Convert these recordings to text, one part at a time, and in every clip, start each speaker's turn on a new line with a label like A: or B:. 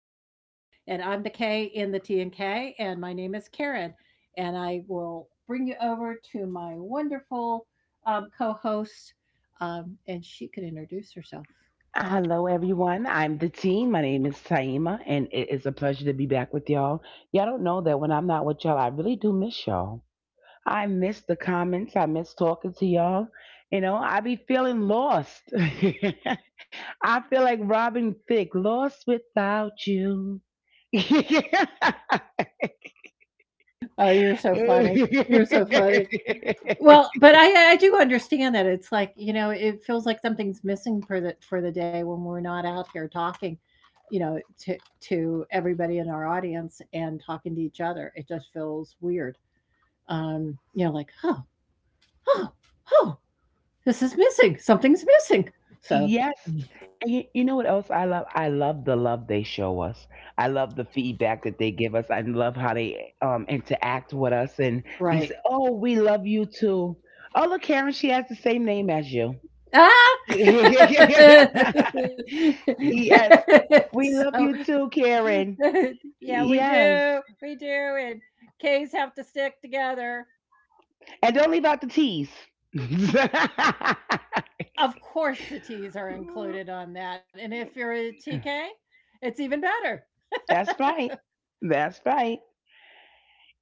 A: and K, and I'm the K in the T and K, and my name is Karen, and I will bring you over to my wonderful co-host, and she could introduce herself.
B: Hello, everyone. I'm the team. My name is Taima, and it is a pleasure to be back with y'all. Y'all don't know that when I'm not with y'all, I really do miss y'all. I miss the comments. I miss talking to y'all. I be feeling lost. I feel like Robin Thicke, lost without you.
A: Oh, you're so funny. You're so funny. Well, but I do understand that it's like, it feels like something's missing for the day when we're not out here talking, you know, to to everybody in our audience and talking to each other. It just feels weird. um, you know, like, oh, oh, oh, this is missing. Something's missing. So,
B: Yes, and you know what else I love? I love the love they show us. I love the feedback that they give us. I love how they interact with us and be
A: right.
B: say, "Oh, we love you too." Oh, look, Karen, she has the same name as you.
A: Ah!
B: Yes, we love
A: So,
B: you too, Karen.
A: yeah, we
B: Yes,
A: do. We do. And K's have to stick together.
B: and don't leave out the T's.
A: Of course, the T's are included on that. And if you're a T K, it's even better.
B: That's right. That's right.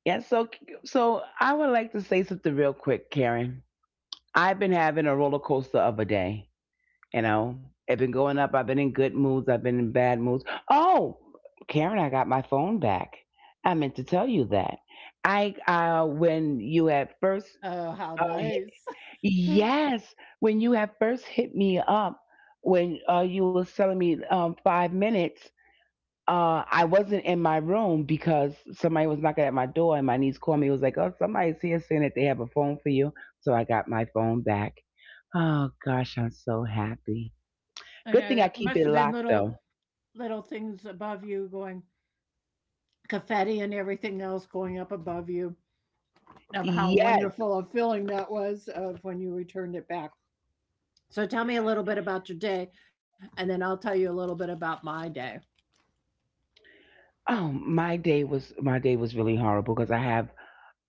B: Yeah, so I would like to say something real quick, Karen. I've been having a roller coaster of a day. I've been going up. I've been in good moods. I've been in bad moods. Oh, Karen, I got my phone back. I meant to tell you that. I when you had first,
A: Oh, how
B: hit,
A: nice.
B: Yes, when you had first hit me up, when you was telling me 5 minutes, I wasn't in my room because somebody was knocking at my door and my niece called me. It was like, oh, somebody's here saying that they have a phone for you. So I got my phone back. Oh, gosh, I'm so happy.
A: I know
B: Good
A: there
B: thing I
A: must
B: keep
A: have
B: it
A: been
B: locked,
A: little
B: though.
A: little things above you going, confetti and everything else going up above you of how
B: Yes.
A: wonderful a feeling that was of when you returned it back. So tell me a little bit about your day and then I'll tell you a little bit about my day.
B: Oh, my day was really horrible because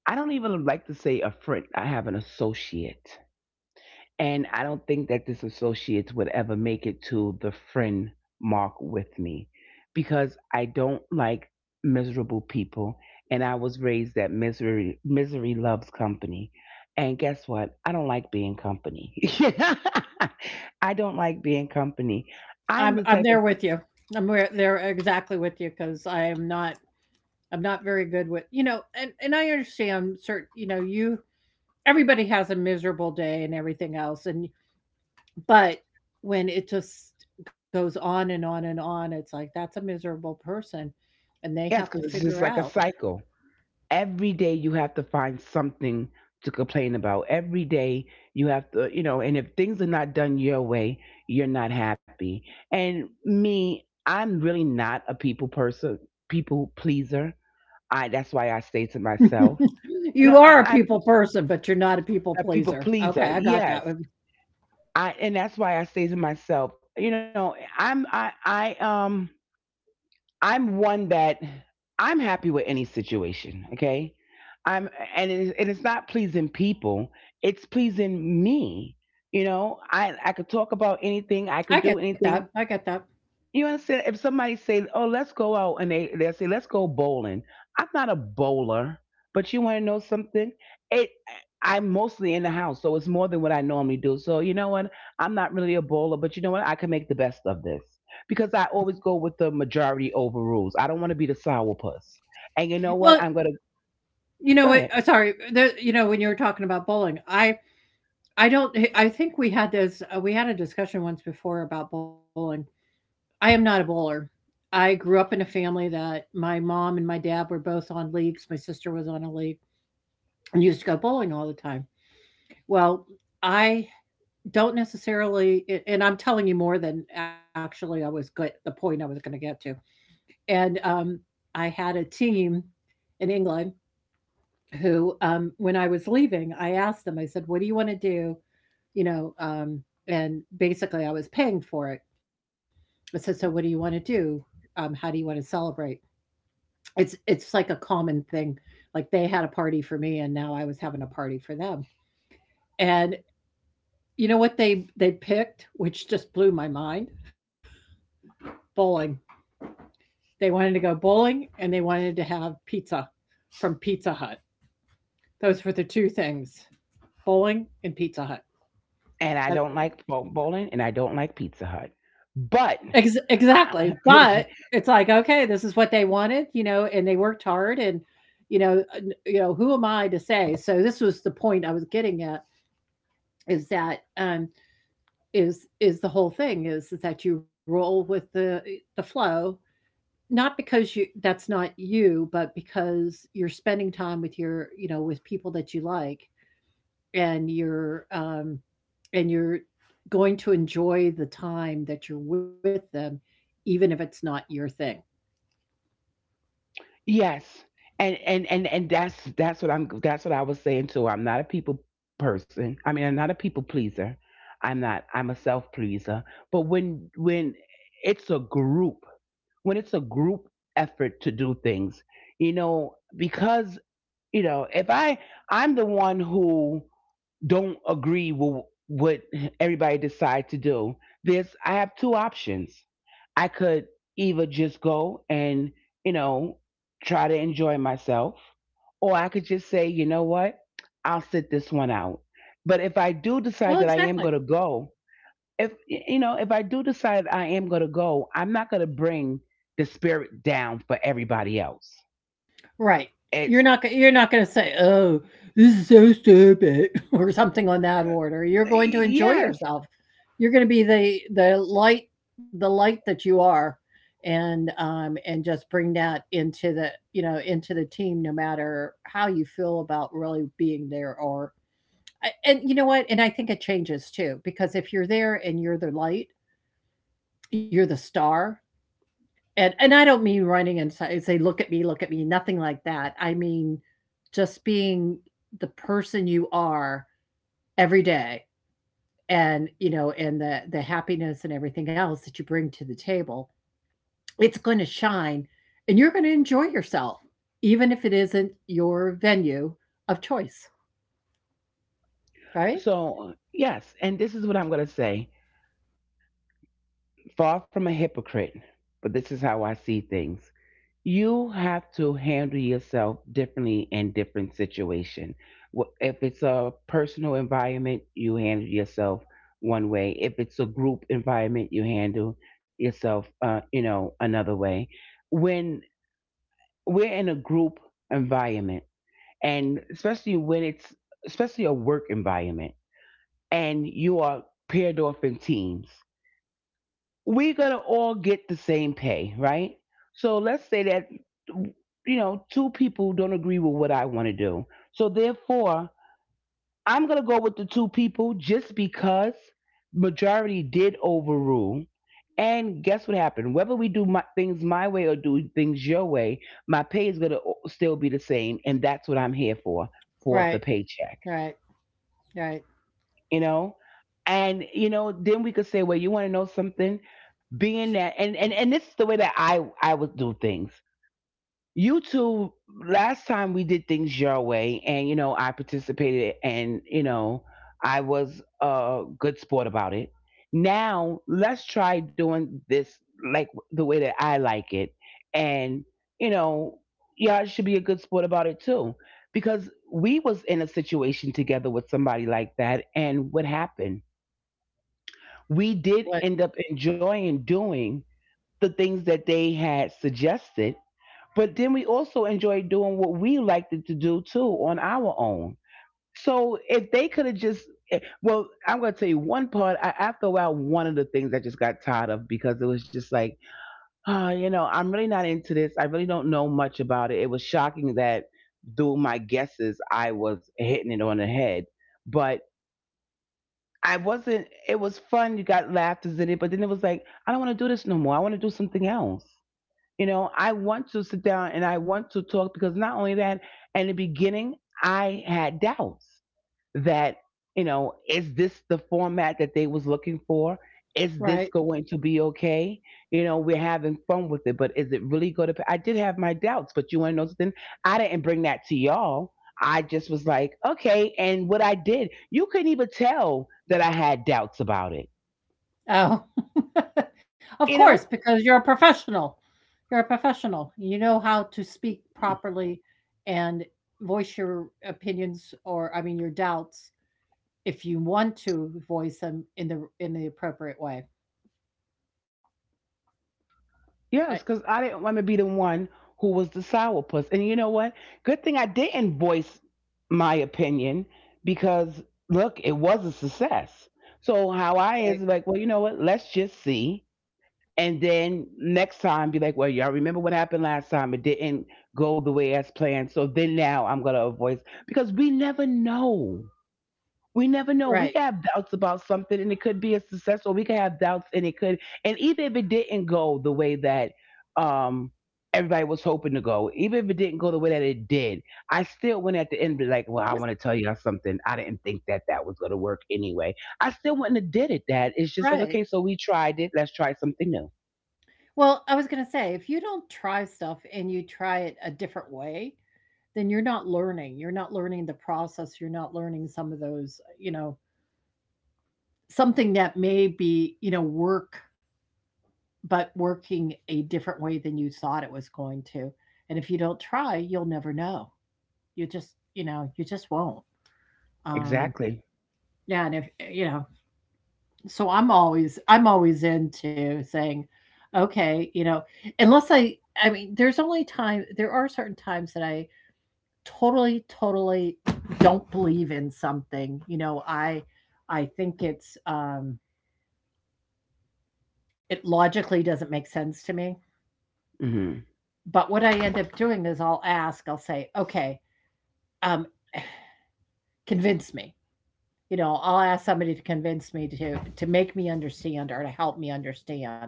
B: I don't even like to say a friend. I have an associate. And I don't think that this associates would ever make it to the friend mark with me because I don't like miserable people. And I was raised that misery loves company. And guess what? I don't like being company. I don't like being company. I'm
A: I'm
B: the
A: I'm
B: type of.
A: there with you. I'm there exactly with you because I'm not very good with, and I understand certain, you know you everybody has a miserable day and everything else. And but when it just goes on and on and on, it's like that's a miserable person and they
B: Yes,
A: have to
B: because it's just
A: figure
B: like a
A: out.
B: cycle. Every day you have to find something to complain about. Every day you have to, and if things are not done your way, you're not happy. And me, I'm really not a people person, people pleaser. I That's why I say to myself,
A: You
B: no,
A: are
B: I,
A: a
B: I'm
A: people person but you're not a people
B: a people
A: pleaser, okay, I
B: pleaser.
A: got that
B: Yes,
A: one.
B: and that's why I say to myself, I'm I I'm one that I'm happy with any situation. Okay, I'm and it is, and it's not pleasing people. It's pleasing me. I could talk about anything. I could
A: I
B: do
A: get that. I
B: anything.
A: get that.
B: You understand? If somebody say, "Oh, let's go out," and they say, "Let's go bowling," I'm not a bowler, but you want to know something? It I'm mostly in the house, so it's more than what I normally do. So you know what? I'm not really a bowler, but you know what? I can make the best of this because I always go with the majority over rules. I don't want to be the sourpuss, and you know what?
A: Well,
B: I'm gonna
A: you know
B: go
A: what,
B: ahead.
A: sorry, the, you know when you were talking about bowling, I don't I think we had this, we had a discussion once before about bowling. I am not a bowler. I grew up in a family that my mom and my dad were both on leagues. My sister was on a league and used to go bowling all the time. Well, I don't necessarily, and I'm telling you more than actually I was good, the point I was going to get to. And I had a team in England who, when I was leaving, I asked them, I said, what do you want to do? You know, um, and basically I was paying for it. I said, so what do you want to do? How do you want to celebrate? It's like a common thing, like, they had a party for me, and now I was having a party for them, and you know what they picked, which just blew my mind? Bowling. They wanted to go bowling, and they wanted to have pizza from Pizza Hut. Those were the 2 things, bowling and Pizza Hut.
B: And I
A: Uh,
B: don't like bowling, and I don't like Pizza Hut, but.
A: ex exactly,
B: I,
A: but it's like, okay, this is what they wanted, and they worked hard, and, you know, uh, who am I to say? So this was the point I was getting at, is that, is the whole thing is, that you roll with the flow, not because you, that's not you, but because you're spending time with your, with people that you like, and you're, and you're going to enjoy the time that you're with them, even if it's not your thing.
B: Yes. And that's what I was saying too. I'm not a people person. I mean, I'm not a people pleaser. I'm not I'm a self-pleaser. But it's a group, when it's a group effort to do things, because you know, if I I'm the one who don't agree with what everybody decide to do. There's i have two options. I could either just go and you know try to enjoy myself, or I could just say, you know what, I'll sit this one out. But if I do decide
A: Well,
B: that I am
A: exactly.
B: going to go, if you know if I do decide I am going to go, I'm not going to bring the spirit down for everybody else.
A: Right.
B: It's.
A: You're not gonna say, "Oh, this is so stupid," or something on that order. You're going to enjoy
B: Yes.
A: yourself. You're gonna be the light, the light that you are, and just bring that into into the team, no matter how you feel about really being there. Or I, and you know what? And I think it changes too because if you're there and you're the light, you're the star. And I don't mean running and say, look at me," nothing like that. I mean, just being the person you are every day. And, and the happiness and everything else that you bring to the table, it's gonna shine and you're gonna enjoy yourself, even if it isn't your venue of choice, right?
B: So, yes, and this is what I'm going to say, far from a hypocrite, but this is how I see things. You have to handle yourself differently in different situation. If it's a personal environment, you handle yourself one way. If it's a group environment, you handle yourself, another way. When we're in a group environment, and especially when it's especially a work environment, and you are paired off in teams, we're going to all get the same pay, right? So let's say that, two people don't agree with what I want to do. So therefore, I'm going to go with the two people just because majority did overrule. And guess what happened? Whether we do things my way or do things your way, my pay is going to still be the same. And that's what I'm here for the
A: Right,
B: paycheck,
A: right, right.
B: you know? And then we could say, well, you want to know something, being that and this is the way that I would do things. You two, last time we did things your way, and I participated, and I was a good sport about it. Now let's try doing this like the way that I like it, and you know y'all should be a good sport about it too. Because we was in a situation together with somebody like that, and what happened? We did
A: What?
B: end up enjoying doing the things that they had suggested, but then we also enjoyed doing what we liked to do too on our own. So if they could have just, well, I'm going to tell you one part. I, after a while, one of the things I just got tired of because it was just like, oh, I'm really not into this. I really don't know much about it. It was shocking that through my guesses, I was hitting it on the head. But I wasn't. It was fun. You got laughters in it, but then it was like, I don't want to do this no more. I want to do something else. I want to sit down and I want to talk because not only that, in the beginning, I had doubts that is this the format that they was looking for, is this
A: Right.
B: going to be okay, we're having fun with it, but is it really going to. I did have my doubts, but you want to know something, I didn't bring that to y'all. I just was like, okay, and what I did, you couldn't even tell that I had doubts about it
A: Oh. Of
B: you know
A: course, because you're a professional. You're a professional. You know how to speak properly and voice your opinions, or I mean your doubts, if you want to voice them in the appropriate way. I
B: Yes, because I didn't want to be the one who was the sourpuss. And you know what? Good thing I didn't voice my opinion because look, it was a success. So how I is
A: right,
B: like, well, you know what? Let's just see. And then next time be like, well, y'all remember what happened last time? It didn't go the way as planned. So then now I'm gonna voice because we never know. We never know.
A: right.
B: We could have doubts about something and it could be a success, or we could have doubts and it could. And even if it didn't go the way that um everybody was hoping to go, even if it didn't go the way that it did, I still went at the end and be like, well,
A: Was
B: I want to tell y'all something. I didn't think that that was gonna work anyway. I still wouldn't have did it that. It's just like,
A: right.
B: okay, so we tried it, let's try something new.
A: Well, I was gonna say, if you don't try stuff and you try it a different way, then you're not learning. You're not learning the process. You're not learning some of those, something that may be, work but working a different way than you thought it was going to. And if you don't try, you'll never know. You just, you just won't. Um,
B: Exactly.
A: yeah, and if, so I'm always, into saying, okay, unless I, I mean, there's only time, there are certain times that I totally, totally don't believe in something. You know, I think it's, it logically doesn't make sense to me.
B: Hmm.
A: But what I end up doing is I'll ask, I'll say, okay, um, convince me. You know, I'll ask somebody to convince me, to make me understand or to help me understand.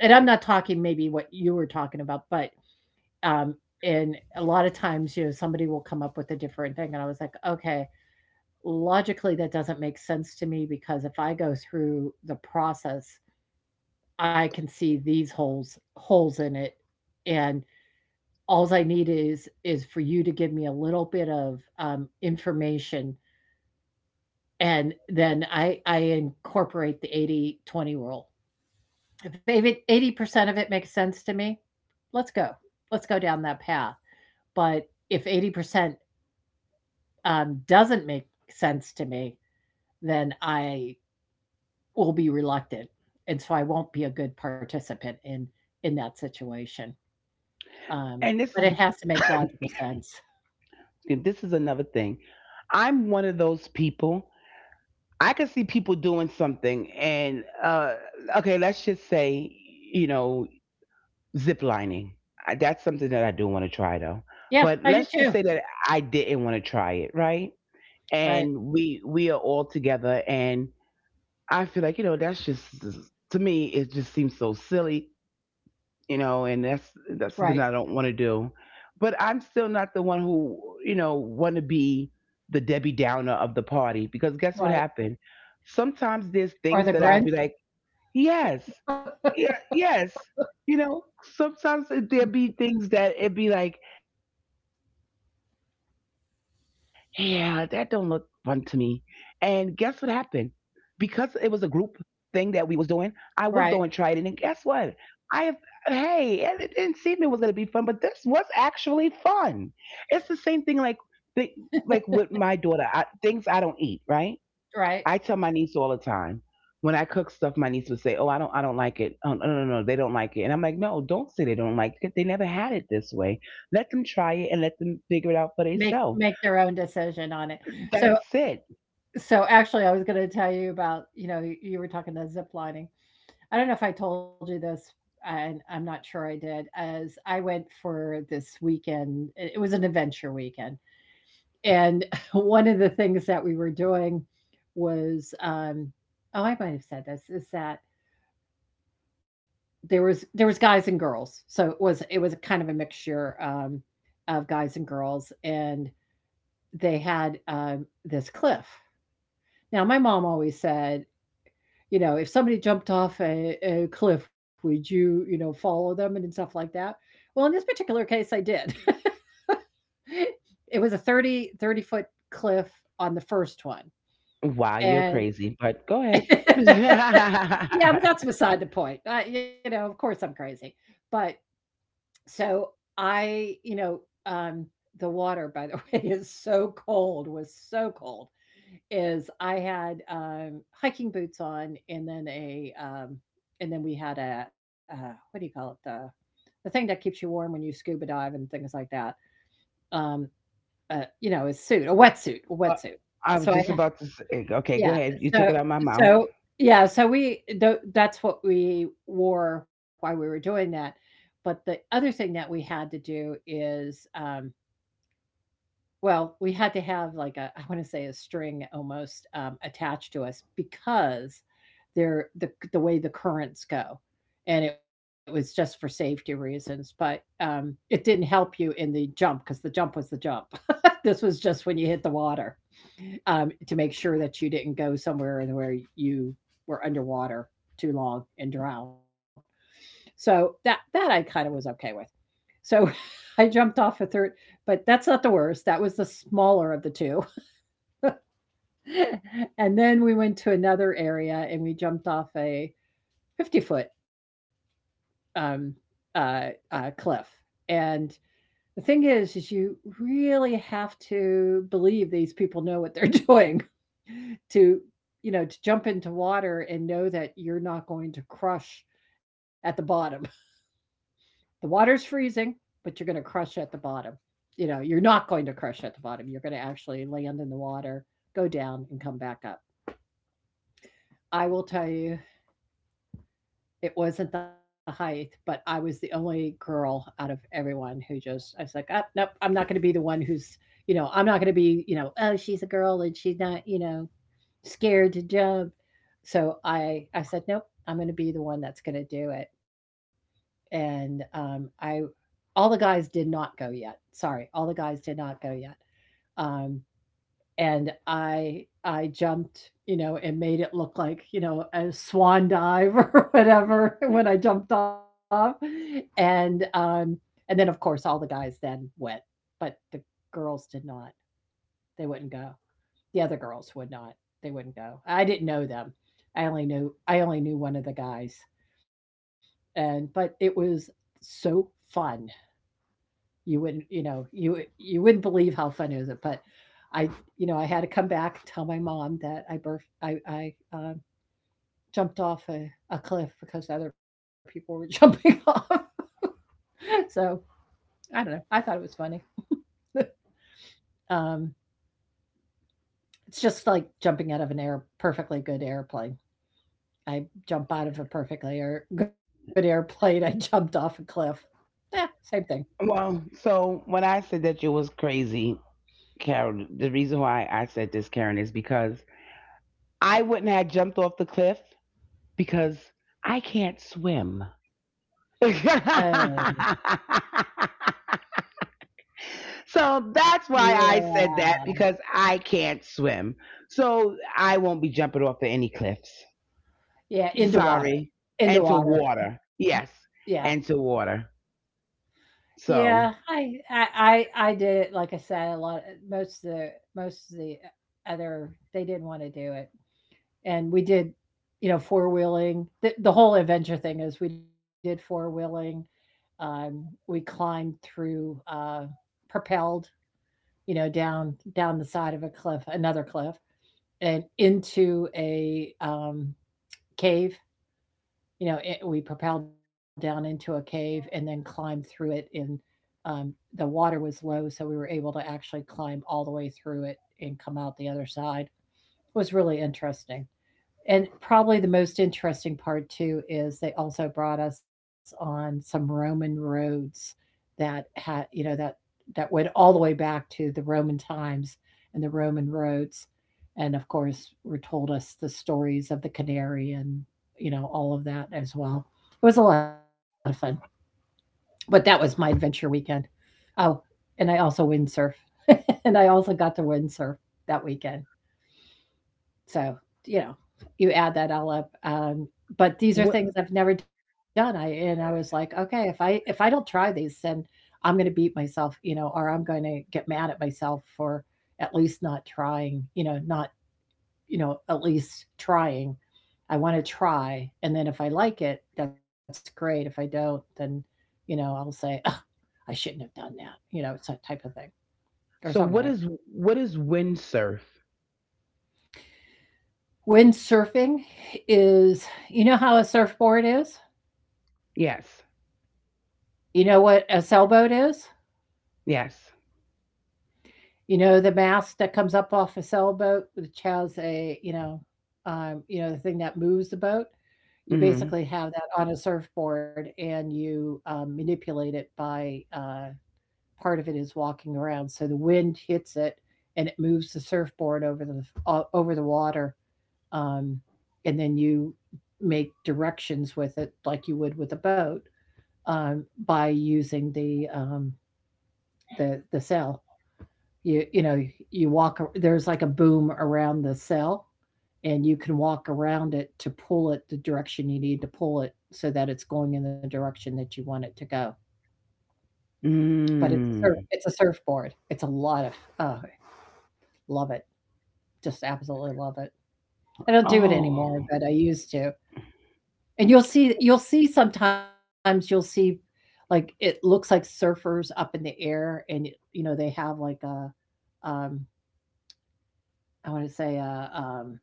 A: And I'm not talking maybe what you were talking about, but, um, and a lot of times, somebody will come up with a different thing, and I was like, okay, logically that doesn't make sense to me because if I go through the process, I can see these holes in it, and all I need is for you to give me a little bit of, information, and then I incorporate the 80/20 rule. If 80% of it makes sense to me, let's go. Let's go down that path. But if 80%, doesn't make sense to me, then I will be reluctant. And so I won't be a good participant in that situation. Um,
B: And this
A: but
B: is
A: it has to make logical sense.
B: this is another thing. I'm one of those people I could see people doing something, and okay, let's just say, zip lining. I, that's something that I do want to try though.
A: Yeah,
B: But
A: I do
B: let's just
A: too.
B: say that I didn't want to try it, right?
A: Right,
B: And we are all together, and I feel like that's just. To me it just seems so silly, and that's
A: right,
B: something I don't want to do. But I'm still not the one who, want to be the Debbie Downer of the party because guess what
A: right.
B: happened? Sometimes there's
A: Or
B: things
A: the
B: that I'd
A: Grinch.
B: be like, yes, yeah, yes. Sometimes there'd be things that it'd be like, yeah, that don't look fun to me. And guess what happened? Because it was a group thing that we was doing, I would go and try it. And then guess
A: Right,
B: what? I have Hey, and it didn't seem it was gonna be fun, but this was actually fun. It's the same thing the like with my daughter. I, things I don't eat, right? I
A: right.
B: tell my niece all the time. When I cook stuff, my niece would say, "Oh, I don't like it." Oh, no, no, no, they don't like it." And I'm like, "No, don't say they don't like it. They never had it this way. Let them try it and let them figure it out for
A: Make
B: themselves.
A: make their own decision on it. So
B: That's it.
A: So, actually, I was gonna tell you about, you were talking about zip lining. I don't know if I told you this, and I'm not sure I did, as I went for this weekend. It was an adventure weekend. And one of the things that we were doing was, oh, I might have said this, is that there was guys and girls. So it was a kind of a mixture, of guys and girls, and they had, this cliff. Now my mom always said, you know, if somebody jumped off a cliff, would you, follow them and stuff like that? Well, in this particular case, I did. It was a thirty-foot cliff on the first one,
B: Wow, you're
A: and
B: crazy, but go ahead.
A: yeah, but that's beside the point. I, you know, of course I'm crazy. But so I, um, the water, by the way, is so cold, was so cold. Is I had, hiking boots on and then a, and then we had a, what do you call it? The thing that keeps you warm when you scuba dive and things like that. Um, a suit, a wetsuit.
B: Well, I was
A: So I,
B: just about to say, okay, go
A: yeah.
B: ahead. You took
A: So,
B: it out of my mouth.
A: so yeah. So we, that's what we wore while we were doing that. But the other thing that we had to do is, well, we had to have like, a I wanna say a string almost, attached to us because they're the way the currents go, and it was just for safety reasons, but, it didn't help you in the jump because the jump was the jump. This was just when you hit the water, to make sure that you didn't go somewhere and where you were underwater too long and drown. So that I kinda was okay with. So I jumped off a third, but that's not the worst, that was the smaller of the 2. And then we went to another area and we jumped off a 50-foot, um, uh, cliff, and the thing is, you really have to believe these people know what they're doing to, to jump into water and know that you're not going to crush at the bottom. The water's freezing, but you're going to crush at the bottom. You know, you're not going to crush at the bottom. You're going to actually land in the water, go down, and come back up. I will tell you, it wasn't the height, but I was the only girl out of everyone who just, I was like, oh, nope, I'm not going to be the one who's, you know, I'm not going to be, you know, oh, she's a girl and she's not, you know, scared to jump. So I said, nope, I'm going to be the one that's going to do it. And I all the guys did not go yet. Sorry, all the guys did not go yet. Um, and I jumped, you know, and made it look like you know a swan dive or whatever when I jumped off, and um, and then of course all the guys then went, but the girls did not. They wouldn't go. The other girls would not. They wouldn't go. I didn't know them. I only knew one of the guys, and but it was so fun you wouldn't you know you wouldn't believe how fun is it but I you know I had to come back and tell my mom that I birth I jumped off a cliff because other people were jumping off so I don't know I thought it was funny um it's just like jumping out of an air perfectly good airplane I jump out of a good airplane I jumped off a cliff yeah same thing
B: Well, so when I said that you was crazy, Karen, the reason why I said this, Karen, is because I wouldn't have jumped off the cliff because I can't swim. So
A: uh,
B: that's why I said that
A: yeah,
B: because I can't swim. So I won't be jumping off of any cliffs.
A: yeah into water.
B: Sorry. And
A: Into
B: to
A: water.
B: water. Yes.
A: Yeah.
B: And to water.
A: Yeah,
B: So
A: I did it, like I said, a lot most of the most of the other they didn't wanna do it, and we did, you know, four-wheeling. The whole adventure thing is we did four-wheeling, um, we climbed through, propelled, you know, down the side of a cliff another cliff, and into a, cave you know, it, we propelled down into a cave and then climbed through it. And um, the water was low, so we were able to actually climb all the way through it and come out the other side. It was really interesting. And probably the most interesting part too is they also brought us on some Roman roads that had you know that that went all the way back to the Roman times and the Roman roads, and of course were told us the stories of the canary and you know all of that as well. It was a lot of fun, but that was my adventure weekend. Oh, and I also windsurf, and I also got to windsurf that weekend. So, you know, you add that all up, but these are
B: what
A: things I've never done, I and I was like, "Okay, if I don't try these, then I'm gonna beat myself, you know, or I'm gonna get mad at myself for at least not trying, you know, not you know, at least trying. I wanna try, and then if I like it, that's great, if I don't, then, you know, I'll say, 'Ugh, I shouldn't have done that,' you know, it's that type of thing, or
B: so what
A: something
B: is
A: like
B: what is windsurf?
A: that. Windsurfing is you know how a surfboard is?
B: Yes.
A: You know what a sailboat is?
B: Yes.
A: You know, the mast that comes up off a sailboat, which has a, you know, the thing that moves the boat? You
B: Mm.
A: basically have that on a surfboard and you, manipulate it by, part of it is walking around. So the wind hits it and it moves the surfboard over the o over the water, um, and then you make directions with it like you would with a boat, by using the, the sail. You know you walk there's like a boom around the cell and you can walk around it to pull it the direction you need to pull it so that it's going in the direction that you want it to go but it's a
B: Mm.
A: surfboard it's a lot of oh I love it just absolutely love it I don't do it
B: Oh.
A: anymore but I used to and you'll see sometimes you'll see like it looks like surfers up in the air and you know they have like a um I want to say a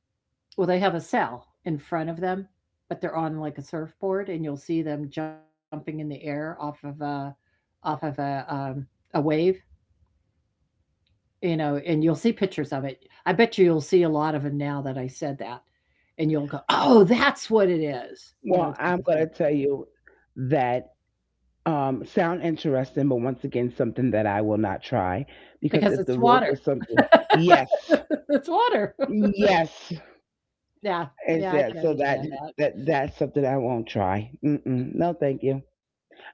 A: well, they have a sail in front of them, but they're on like a surfboard, and you'll see them jumping in the air off of off of a um, a wave, you know, and you'll see pictures of it. I bet you you'll see a lot of them now that I said that, and you'll go, "Oh, that's what it is," you know,
B: Well,
A: type
B: I'm
A: of
B: gonna
A: thing,
B: tell you that sound interesting, but once again something that I will not try because
A: because
B: if
A: it's
B: the rope
A: water.
B: is something. Yes.
A: It's water.
B: Yes.
A: Yeah, yeah,
B: Is
A: I can
B: that so that
A: understand.
B: that that's something I won't try. Mm-mm, no, thank you.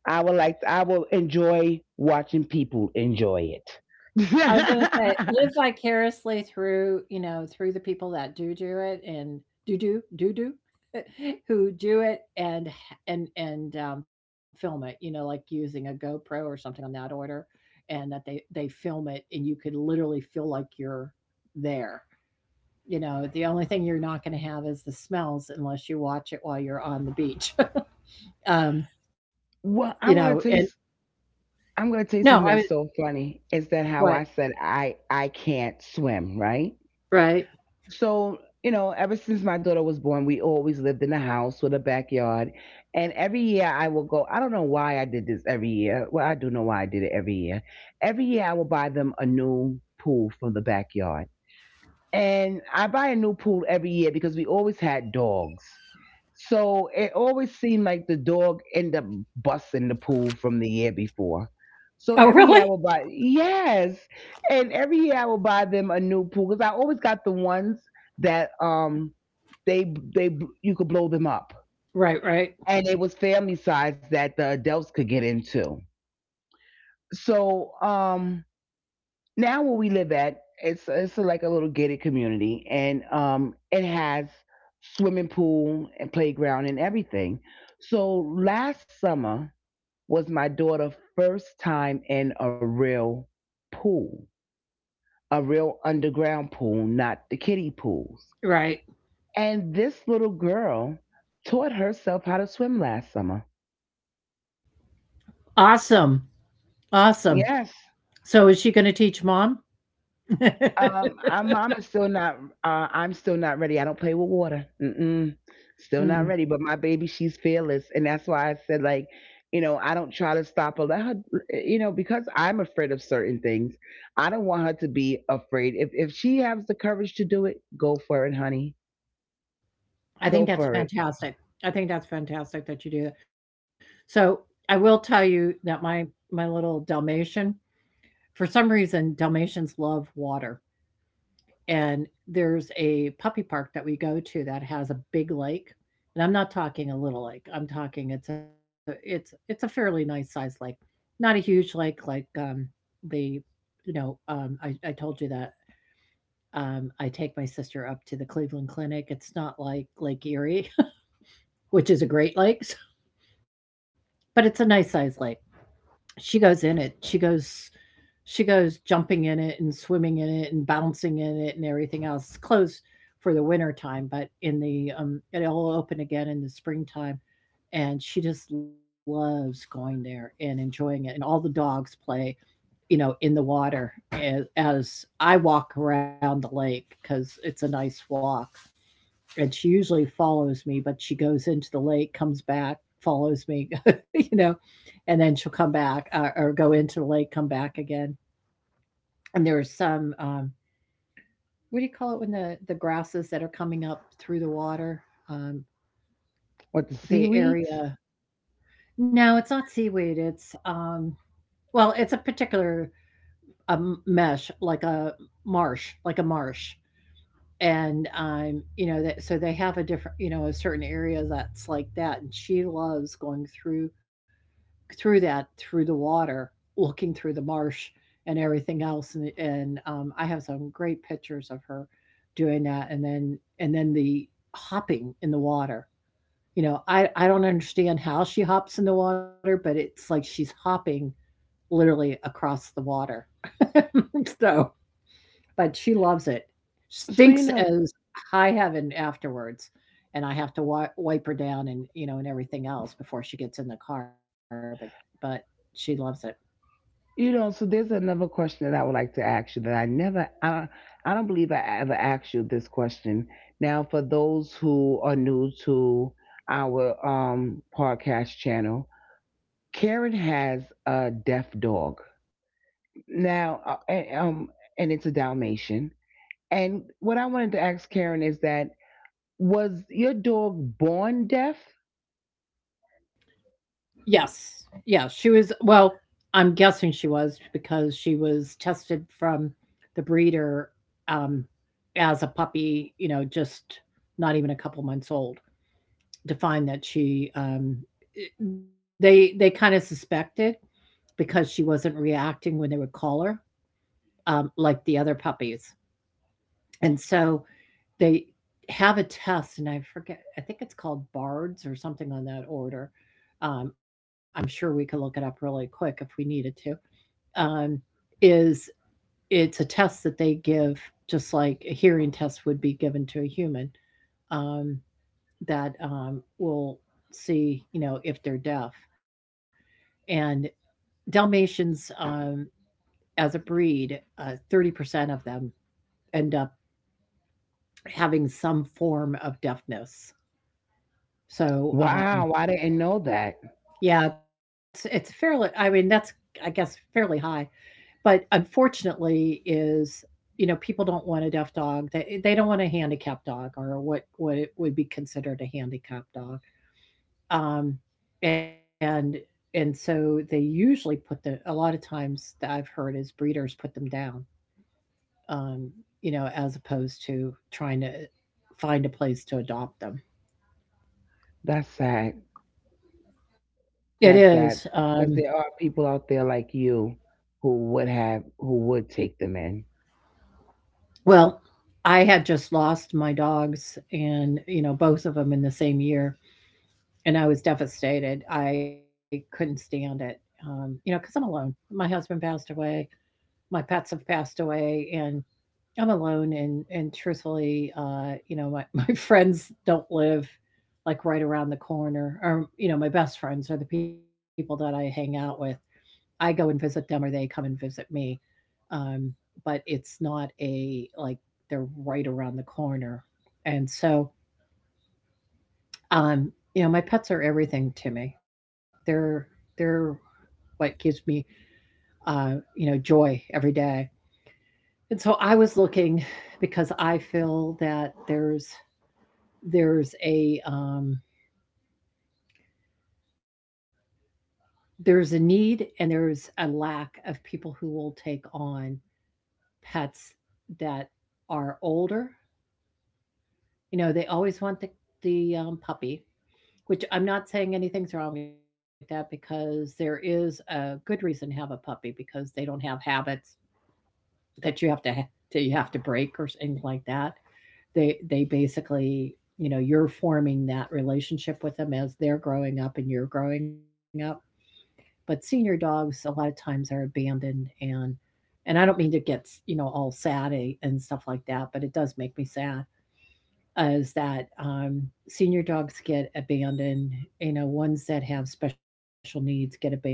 B: I would like. I will enjoy watching people enjoy it.
A: I was gonna say, live vicariously through, you know, through the people that do it and do who do it and film it, you know, like using a GoPro or something on that order, and that they film it and you could literally feel like you're there. You know, the only thing you're not going to have is the smells unless you watch it while you're on the beach. um, you know,
B: Well,
A: and
B: I'm gonna taste. I'm gonna
A: no, I was
B: taste something that's so funny. Is that
A: what
B: how I said I can't swim, right?
A: right?
B: So, ever since my daughter was born, we always lived in a house with a backyard. And every year I will go, I don't know why I did this every year. Well, I do know why I did it every year. Every year I will buy them a new pool from the backyard. And I buy a new pool every year because we always had dogs. So it always seemed like the dog ended up busting the pool from the year before.
A: Oh,
B: So
A: really?
B: every year I would buy, yes, and every year I will buy them a new pool because I always got the ones that they you could blow them up,
A: Right, right,
B: and it was family size that the adults could get into. So now where we live at, it's like a little gated community, and it has swimming pool and playground and everything. So last summer was my daughter's first time in a real pool, a real underground pool, not the kiddie pools.
A: right.
B: And this little girl taught herself how to swim last summer.
A: Awesome. Awesome.
B: Yes.
A: So is she gonna teach mom?
B: I'm still not. I'm still not ready. I don't play with water. Mm-mm. Still not
A: Mm,
B: ready. But my baby, she's fearless, and that's why I said, like, I don't try to stop her. Let her, because I'm afraid of certain things. I don't want her to be afraid. If she has the courage to do it, go for it, honey. Go
A: I
B: for it.
A: think that's fantastic. I think that's fantastic that you do that. So, I will tell you that my little Dalmatian, for some reason, Dalmatians love water, and there's a puppy park that we go to that has a big lake, and I'm not talking a little lake, I'm talking it's a fairly nice sized lake, not a huge lake like, the you know, I told you that I take my sister up to the Cleveland Clinic. It's not like Lake Erie, which is a Great Lakes, but it's a nice sized lake. She goes in it. She goes jumping in it and swimming in it and bouncing in it and everything else. It's closed for the winter time, but in the it'll open again in the springtime. And she just loves going there and enjoying it. And all the dogs play, you know, in the water as I walk around the lake because it's a nice walk and she usually follows me, but she goes into the lake, comes back, follows me, you know, and then she'll come back or go into the lake, come back again. And there's some what do you call it when the grasses that are coming up through the water, um,
B: With the
A: the
B: seaweeds.
A: area. No, it's not seaweed. It's well, it's a particular mesh, like a marsh. And you know that so they have a different, you know, a certain area that's like that. And she loves going through that, through the water, looking through the marsh and everything else, and, I have some great pictures of her doing that, and then the hopping in the water. You know, I don't understand how she hops in the water, but it's like she's hopping literally across the water. So but she loves it.
B: So you
A: Stinks
B: know.
A: as high heaven afterwards, and I have to wi wipe her down and, you know, and everything else before she gets in the car, but she loves it.
B: So there's another question that I would like to ask you that I never, I don't believe I ever asked you this question. Now, for those who are new to our podcast channel, Karen has a deaf dog. Now, and, and it's a Dalmatian. And what I wanted to ask Karen is that was your dog born deaf?
A: Yes. Yeah, she was well, I'm guessing she was because she was tested from the breeder, um, as a puppy, you know, just not even a couple months old to find that she, they kinda suspected because she wasn't reacting when they would call her. Um, like the other puppies. And so they have a test, and I forget, I think it's called BARDS or something on that order. I'm sure we could look it up really quick if we needed to. Um, is it's a test that they give, just like a hearing test would be given to a human, um, that will see, you know, if they're deaf. And Dalmatians, as a breed, 30% of them end up having some form of deafness. So,
B: Wow, I didn't know that.
A: yeah, it's fairly I mean, that's, I guess, fairly high, but unfortunately is, you know, people don't want a deaf dog. They don't want a handicapped dog or what it would be considered a handicapped dog. Um, and and so they usually put the a lot of times that I've heard is breeders put them down, um, you know, as opposed to trying to find a place to adopt them.
B: That's sad.
A: It is.
B: That's sad because there are people out there like you who would take them in.
A: Well, I had just lost my dogs and, you know, both of them in the same year, and I was devastated. I couldn't stand it, because 'cause I'm alone. My husband passed away, my pets have passed away, and I'm alone and truthfully, my my friends don't live, like, right around the corner, or, you know, my best friends are the people that I hang out with. I go and visit them or they come and visit me um, but it's not a like they're right around the corner. And so, um, you know, my pets are everything to me. They're what gives me, joy every day. And so I was looking because I feel that there's a um, there's a need and there's a lack of people who will take on pets that are older. You know, they always want the puppy, which I'm not saying anything's wrong with that because there is a good reason to have a puppy because they don't have habits that you have to ha- that you have to break or things like that. They basically, you know, you're forming that relationship with them as they're growing up and you're growing up. But senior dogs a lot of times are abandoned, and I don't mean to get, you know, all sad and stuff like that, but it does make me sad is that senior dogs get abandoned. You know, ones that have special needs get abandoned,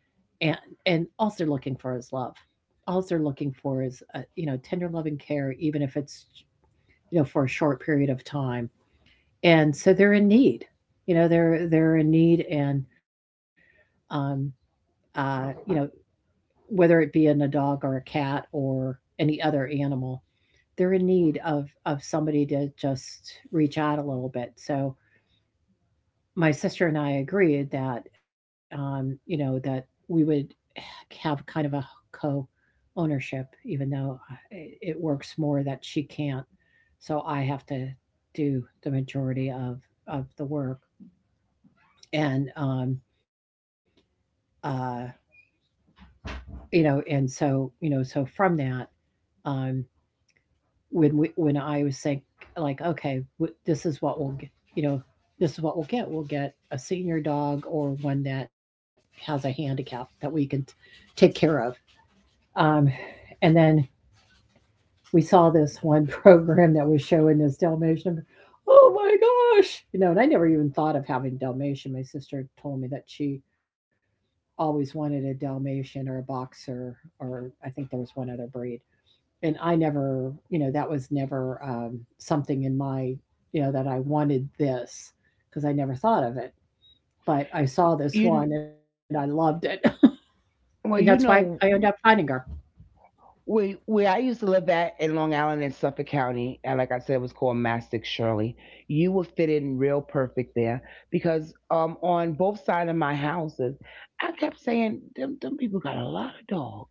A: and and all they're looking for is love. All they're looking for is tender love and care, even if it's you know for a short period of time. And so they're in need. You know, they're in need, and um, you know whether it be in a dog or a cat or any other animal. They're in need of somebody to just reach out a little bit. So my sister and I agreed that, you know, that we would have kind of a co-ownership, even though I- it works more that she can't. So I have to do the majority of the work, and uh, you know, and so you know, so from that, um, when I was saying like, okay, w- this is what we'll get, you know, this is what we'll get. We'll get a senior dog or one that has a handicap that we can t- take care of. Um, and then we saw this one program that was showing this Dalmatian. Oh my gosh! You know, and I never even thought of having Dalmatian. My sister told me that she always wanted a Dalmatian or a boxer, or I think there was one other breed, and I never, you know, that was never something in my, you know, that I wanted this because I never thought of it. But I saw this
B: You
A: one and I loved it. And that's
B: well,
A: why
B: you
A: I ended
B: know
A: up finding her.
B: where I used to live at in Long Island in Suffolk County, and like I said, it was called Mastic Shirley. You would fit in real perfect there because on both sides of my houses, I kept saying them people got a lot of dogs.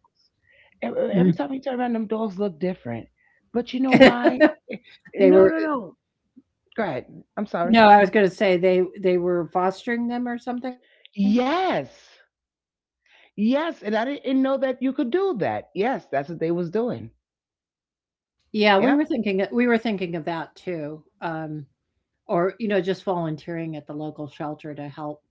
B: Every
A: Mhm.
B: time you turn around, them dogs look different. But you know why?
A: they
B: No,
A: were
B: no, no. Go ahead. I'm sorry.
A: No, I was going to say they were fostering them or something.
B: Yes. Yes, and I didn't know that you could do that. Yes, that's what they was doing.
A: Yeah, we were
B: Yep.
A: thinking we were thinking of that too. Or you know, just volunteering at the local shelter to help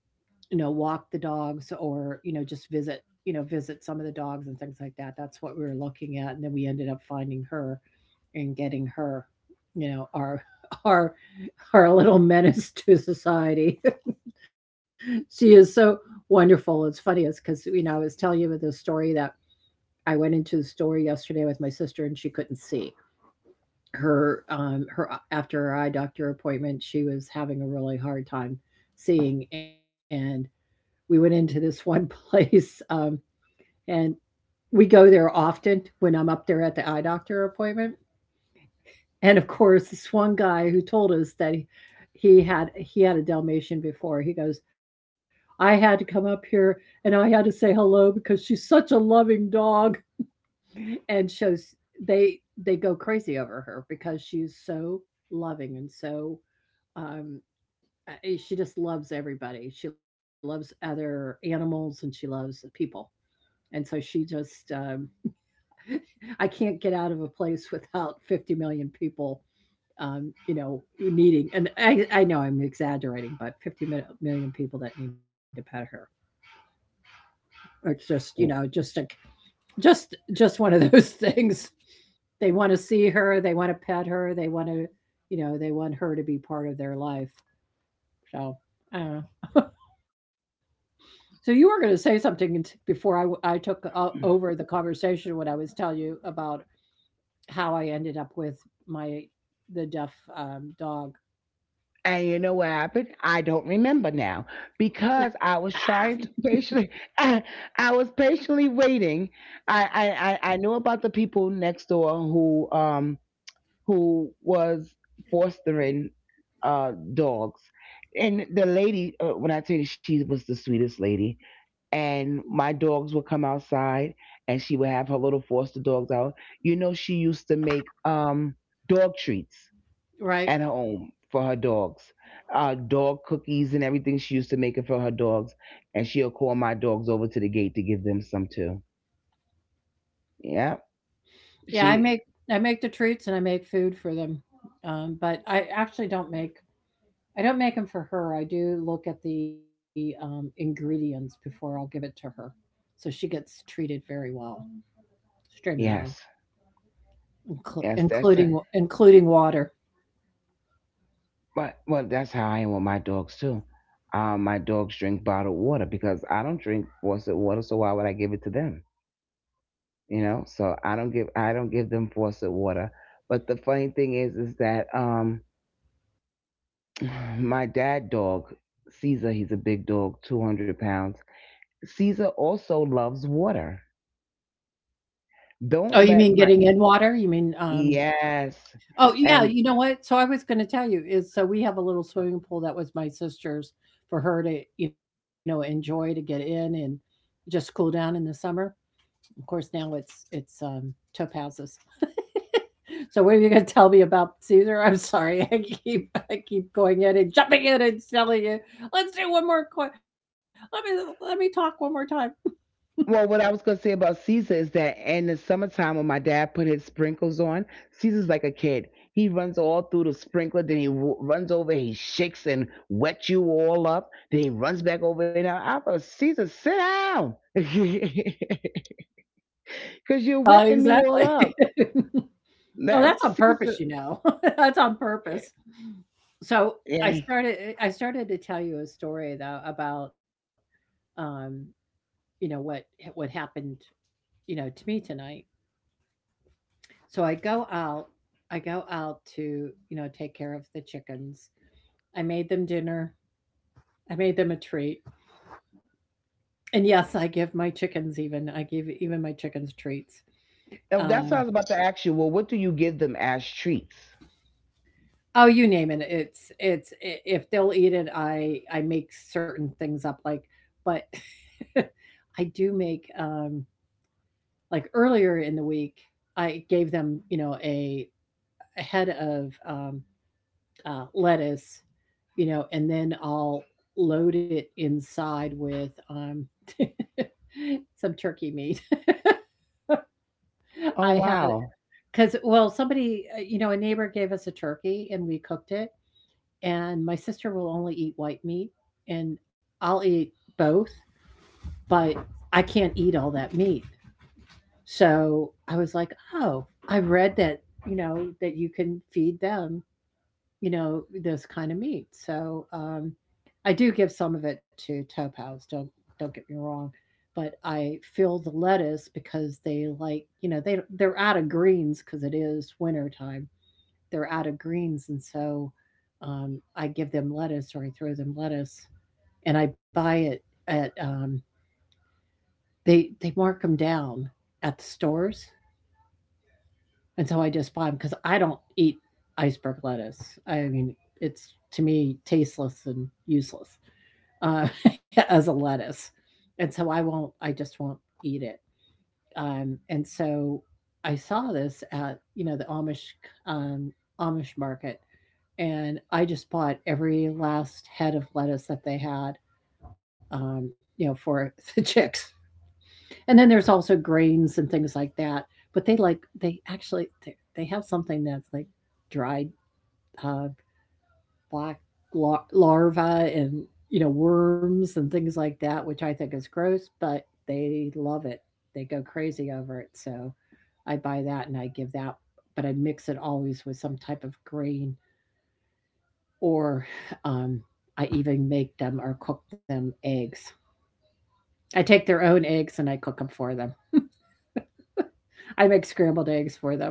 A: you know, walk the dogs or, you know, just visit, you know, visit some of the dogs and things like that. That's what we were looking at. And then we ended up finding her and getting her, you know, our our our little menace to society. She is so wonderful. It's funny is because, you know, I was telling you the story that I went into the store yesterday with my sister and she couldn't see. Her after her eye doctor appointment, she was having a really hard time seeing, and we went into this one place, and we go there often when I'm up there at the eye doctor appointment. And of course, this one guy who told us he had a Dalmatian before. He goes, I had to come up here and I had to say hello because she's such a loving dog, and shows they they go crazy over her because she's so loving and so um, uh, she just loves everybody. She loves other animals and she loves people. And so she just, I can't get out of a place without 50 million people, you know, needing, and I know I'm exaggerating, but 50 mil- million people that need to pet her. Or it's just, you know, just one of those things. They want to see her. They want to pet her. They want to, you know, they want her to be part of their life. So, I don't know. So you were going to say something before I took over the conversation when I was telling you about how I ended up with my the deaf dog.
B: And you know what happened? I don't remember now because I was trying to patiently. I was patiently waiting. I knew about the people next door who was fostering dogs. And the lady, when I tell you she was the sweetest lady, and my dogs would come outside and she would have her little foster dogs out. You know, she used to make dog treats
A: Right?
B: at her home for her dogs, dog cookies and everything. She used to make it for her dogs. And she'll call my dogs over to the gate to give them some too. Yeah.
A: Yeah,
B: She,
A: I make the treats and I make food for them, but I actually don't make I don't make them for her. I do look at the ingredients before I'll give it to her, so she gets treated very well, extremely well,
B: yes.
A: inclu-
B: Yes, that's
A: including
B: it.
A: including water.
B: But well, that's how I am with my dogs too. My dogs drink bottled water because I don't drink faucet water, so why would I give it to them? You know, so I don't give them faucet water. But the funny thing is that my dad dog Caesar, he's a big dog, 200 pounds. Caesar also loves water.
A: Oh,
B: Don't
A: you
B: let
A: mean
B: my
A: getting in water? You mean
B: yes,
A: oh, yeah,
B: and.
A: you know what? So I was gonna tell you is so we have a little swimming pool that was my sister's for her to, you know, enjoy to get in and just cool down in the summer. Of course, now it's taupe houses. So what are you gonna tell me about Caesar? I'm sorry, I keep going in and jumping in and telling you. Let's do one more coin. Let me let me talk one more time.
B: Well, what I was going to say about Caesar is that in the summertime when my dad put his sprinkles on, Caesar's like a kid. He runs all through the sprinkler, then he runs over, he shakes and wets you all up, then he runs back over and out. I thought, Caesar, sit down. Because you're
A: Oh,
B: wetting me all
A: exactly.
B: up.
A: Oh,
B: That
A: that's on purpose,
B: Caesar,
A: you know. That's on
B: eh,
A: purpose. So, I
B: yeah.
A: started I started to tell you a story though about, um, you know, what happened, you know, to me tonight. So I go out to, you know, take care of the chickens. I made them dinner. I made them a treat. And yes, I give my chickens even I give even my chickens treats.
B: Oh, that's what I
A: Um,
B: was about to ask you. Well, what do you give them as treats?
A: oh, you name it. It's I If they'll eat it, I make certain things up, like but I do make, like, earlier in the week, I gave them, you know, a head of, lettuce, you know, and then I'll load it inside with, some turkey meat.
B: Oh,
A: I have.
B: wow.
A: 'Cause well, somebody, you know, a neighbor gave us a turkey and we cooked it, and my sister will only eat white meat, and I'll eat both, but I can't eat all that meat. So I was like, "Oh, I read that, you know, that you can feed them, you know, this kind of meat." So, I do give some of it to Topaz, don't get me wrong, but I fill the lettuce because they like, you know, they they're out of greens because it is winter time, they're out of greens, and so I give them lettuce or I throw them lettuce, and I buy it at they mark them down at the stores, and so I just buy them because I don't eat iceberg lettuce. I mean, it's to me tasteless and useless uh, as a lettuce, and so I won't. I just won't eat it. And so I saw this at you know the Amish um, Amish market and I just bought every last head of lettuce that they had, you know, for the chicks. And then there's also grains and things like that. But they like they actually they have something that's like dried uh, black larvae and you know worms and things like that, which I think is gross, but they love it. They go crazy over it. So I buy that and I give that, but I mix it always with some type of grain or um, I even make them or cook them eggs. I take their own eggs and I cook them for them. I make scrambled eggs for them.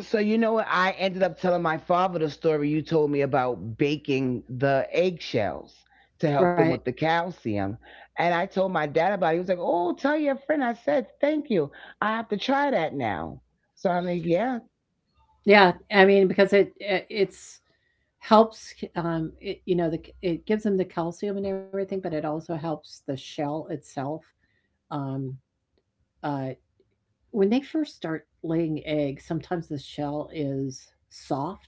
B: So you know what? I ended up telling my father the story you told me about baking the eggshells to help
A: Right.
B: them with the calcium. And I told my dad about it. He was like, "Oh, tell your friend." I said, "Thank you. I have to try that now." So I'm like, yeah,
A: Yeah. I mean, because it it's helps you know the it gives them the calcium and everything but it also helps the shell itself um uh when they first start laying eggs sometimes the shell is soft.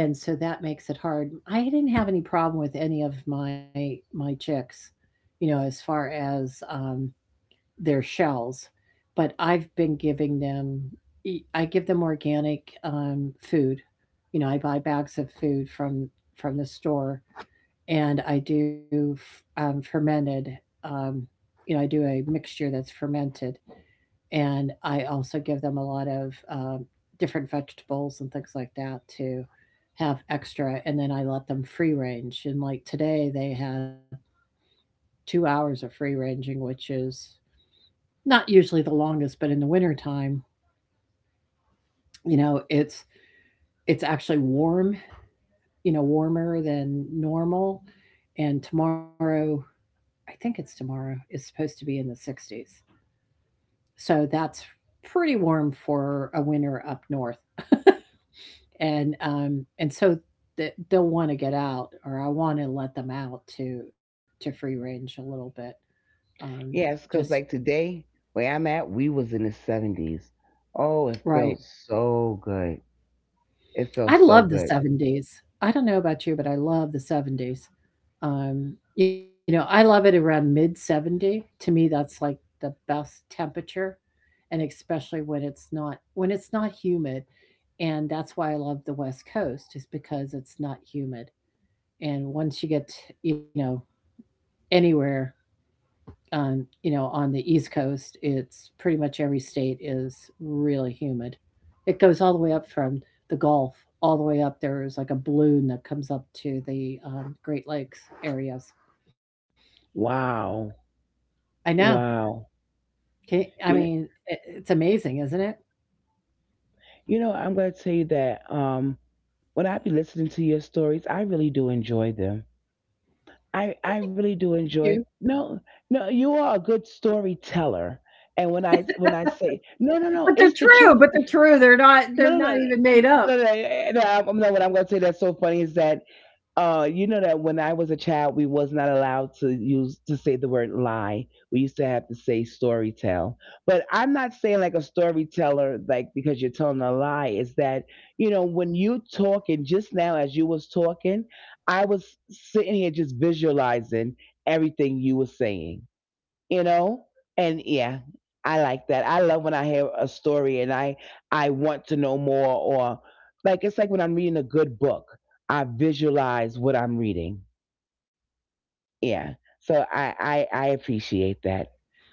A: And so that makes it hard. I didn't have any problem with any of my chicks, you know, as far as, their shells, but I've been giving them e I give them organic, food. You know, I buy bags of food from the store, and I do f fermented, um, you know, I do a mixture that's fermented, and I also give them a lot of different vegetables and things like that to have extra. And then I let them free range. And like today, they had 2 hours of free ranging, which is not usually the longest, but in the wintertime, you know, it's actually warm, you know, warmer than normal. And tomorrow, I think it's tomorrow, is supposed to be in the 60s. So that's pretty warm for a winter up north. And so they'll want to get out or I want to let them out to free range a little bit. Um
B: yes,
A: just
B: because like today, where I'm at, we was in the 70s. Oh, it
A: Right,
B: felt so good. It
A: I
B: felt
A: love the
B: so good.
A: 70s. I don't know about you, but I love the 70s. um you know, I love it around mid 70. To me, that's like the best temperature, and especially when it's not humid. And that's why I love the West Coast, is because it's not humid. And once you get, you know, anywhere, you know, on the East Coast, it's pretty much every state is really humid. It goes all the way up from the Gulf, all the way up. There's like a balloon that comes up to the Great Lakes areas.
B: Wow.
A: I know.
B: Wow.
A: Can, I
B: You
A: mean,
B: know,
A: it's amazing, isn't it?
B: I'm gonna tell you that when I be listening to your stories, I really do enjoy them. I really
A: You.
B: do enjoy. No, no, you are a good storyteller. And when I say no, no,
A: But
B: no,
A: they're
B: it's the
A: true.
B: truth.
A: But they're true. They're not. They're
B: No, no, no,
A: not even
B: no,
A: made up.
B: no, no, no, no, no, what I'm going to say that's so funny is that you know that when I was a child, we was not allowed to use to say the word lie. We used to have to say story tell. But I'm not saying like a storyteller, like because you're telling a lie. Is that when you talking just now as you was talking, I was sitting here just visualizing everything you were saying, you know and yeah, I like that. I love when I hear a story, and I want to know more. Or like it's like when I'm reading a good book, I visualize what I'm reading. Yeah, so I appreciate that.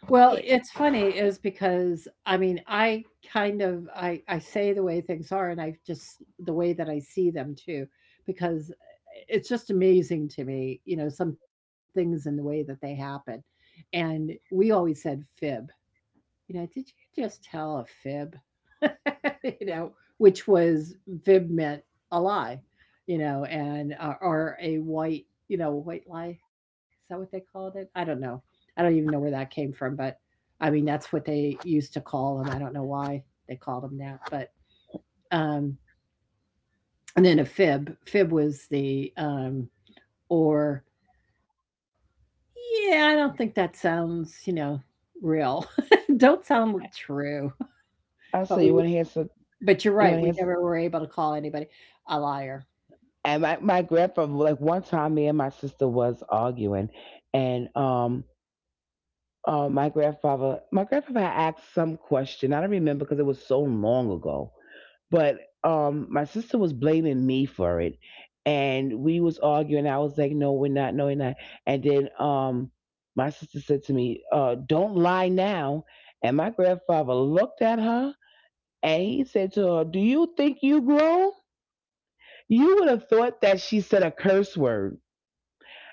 A: Well,
B: Eh,
A: it's funny is because, I mean, I kind of I say the way things are, and I just the way that I see them too, because it's just amazing to me, you know, some things and the way that they happen. And we always said fib. You know, did you just tell a fib? You know, which was Vib meant a lie, you know, and or a white, you know, white lie. Is that what they called it? I don't know. I don't even know where that came from, but I mean that's what they used to call them. I don't know why they called them that, but um, and then a fib. Fib was the or yeah, I don't think that sounds, you know, real. Don't sound true, but
B: Also,
A: we. But you're
B: you want
A: right.
B: to
A: We
B: hear.
A: never were able to call anybody a liar.
B: And my grandfather, like one time, me and my sister was arguing, and my grandfather had asked some question. I don't remember because it was so long ago. But my sister was blaming me for it, and we was arguing. I was like, "No, we're not. No, we're not." And then my sister said to me, "Don't lie now." And my grandfather looked at her, and he said to her, "Do you think you grown?" You would have thought that she said a curse word.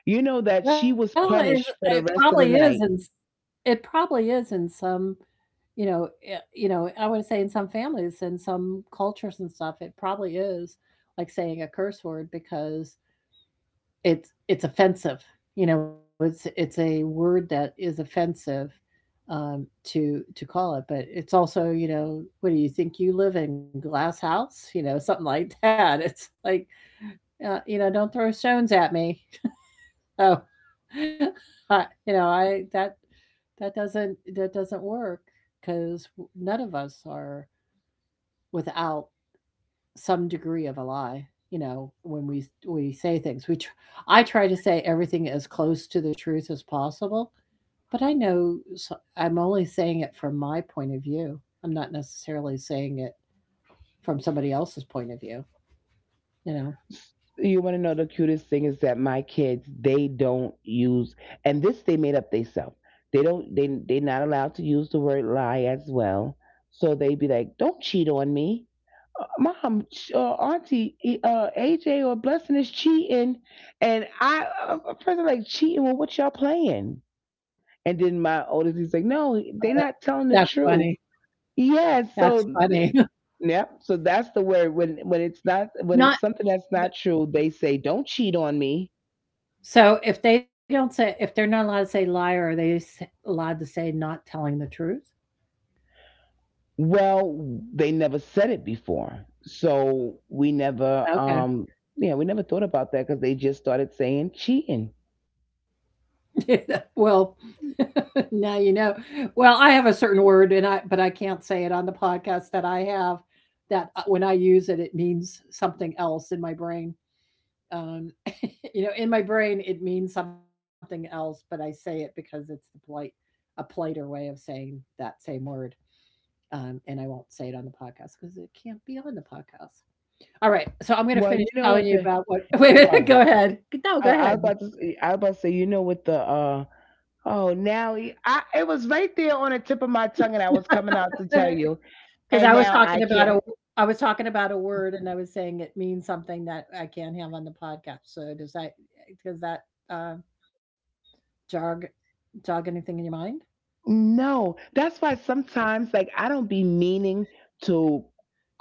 B: You know that she was
A: Well, it's
B: punished for the
A: it
B: rest of the
A: probably is,
B: night.
A: and it probably is in some, you know, you know, I would say in some families and some cultures and stuff, it probably is like saying a curse word because it's offensive. You know, it's a word that is offensive, um, to call it, but it's also, you know, "What do you think you live in, glass house?" You know, something like that. It's like, you know, "Don't throw stones at me." So, I that that doesn't work because none of us are without some degree of a lie. You know, when we say things, I try to say everything as close to the truth as possible, but I know so, I'm only saying it from my point of view. I'm not necessarily saying it from somebody else's point of view. You know,
B: You want to know the cutest thing is that my kids they don't use, and this they made up themselves. They don't they they're not allowed to use the word lie as well. So they be like, "Don't cheat on me, mom or auntie." AJ or blessing is cheating, and I first I'm like cheating. Well, what y'all playing? And then my oldest he's like, "No, they're not telling the
A: that's
B: truth."
A: funny.
B: Yeah, so
A: That's
B: th-
A: funny.
B: yep. So that's the word when it's not, when it's
A: Not.
B: something that's not true, they say don't cheat on me.
A: So, if they don't say if they're not allowed to say liar, are they s allowed to say not telling the truth?
B: Well, they never said it before. So we never
A: Okay.
B: yeah, we never thought about that cuz they just started saying cheating.
A: Well,
B: Hmm.
A: now you know. Well, I have a certain word and I but I can't say it on the podcast that I have that, when I use it, it means something else in my brain. Um, you know, in my brain, it means something else, but I say it because it's the polite a politer way of saying that same word. And I won't say it on the podcast because it can't be on the podcast. All right, so I'm gonna
B: Well,
A: finish
B: you know
A: telling
B: what
A: you
B: the
A: about what wait a minute,
B: oh,
A: go ahead. No,
B: I,
A: go
B: I
A: ahead.
B: was about to say, you know what the oh, now y- I it was right there on the tip of my tongue, and I was coming out to tell you,
A: Because
B: and
A: I was
B: now I
A: talking about a
B: can't.
A: I was talking about a word, and I was saying it means something that I can't have on the podcast. So does that does that uh, jog anything in your mind?
B: No, that's why sometimes, like, I don't be meaning to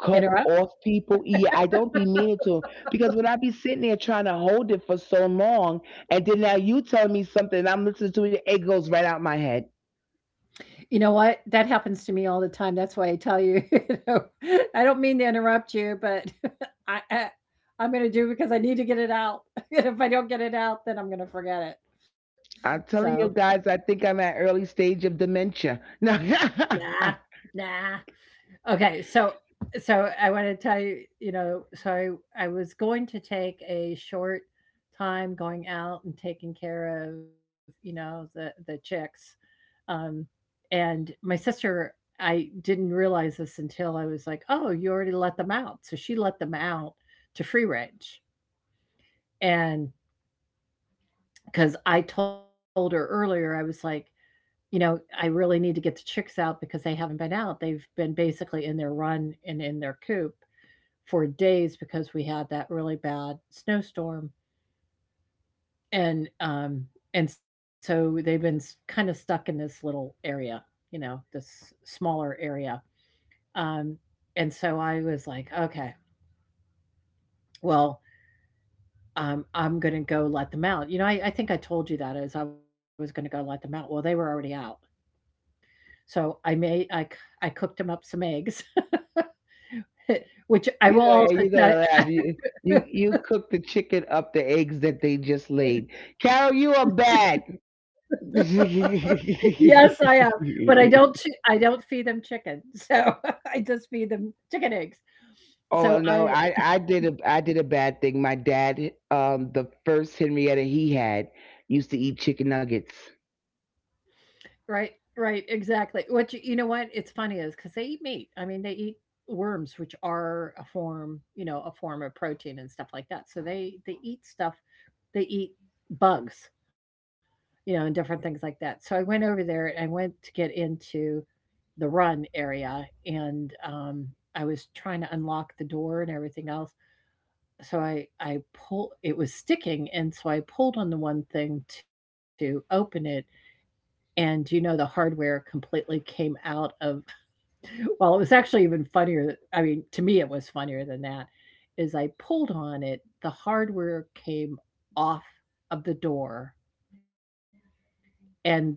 B: cut
A: Interrupt?
B: off people. Yeah, I don't be meaning to, because when I be sitting there trying to hold it for so long, and then now you tell me something, and I'm listening to it, it goes right out my head.
A: You know what? That happens to me all the time. That's why I tell you, you know, I don't mean to interrupt you, but I, I I'm gonna do because I need to get it out. And if I don't get it out, then I'm gonna forget it.
B: I'm
A: So
B: telling you guys, I think I'm at early stage of dementia. No,
A: nah, nah. Okay, so I want to tell you, you know, so I was going to take a short time going out and taking care of, you know, the chicks. Um and my sister I didn't realize this until I was like, "Oh, you already let them out." So she let them out to free range. And cuz I told her earlier, I was like, you know, I really need to get the chicks out because they haven't been out. They've been basically in their run and in their coop for days because we had that really bad snowstorm, and, um, and so they've been s kinda stuck in this little area, you know, this smaller area, um, and so I was like, "Okay, well, I'm gonna go let them out." You know, I think I told you that as I was gonna go let them out. Well, they were already out, so I made I c I cooked them up some eggs. Which I will
B: you know,
A: also
B: and you're
A: tell
B: gonna laugh. You cook the chicken up the eggs that they just laid. Carol, you are bad.
A: you, yes, I am, but I don't feed them chicken, so I just feed them chicken eggs. So
B: Oh no,
A: I
B: I did a bad thing. My dad, the first Henrietta he had, used to eat chicken nuggets.
A: right, right, exactly. What you know what? It's funny is because they eat meat. I mean, they eat worms, which are a form, you know, a form of protein and stuff like that. So they eat stuff. They eat bugs, you know, and different things like that. So I went over there and I went to get into the run area, and, I was trying to unlock the door and everything else. So I pull it was sticking, and so I pulled on the one thing to open it, and you know the hardware completely came out of well, it was actually even funnier, I mean, to me it was funnier than that, is I pulled on it, the hardware came off of the door, and the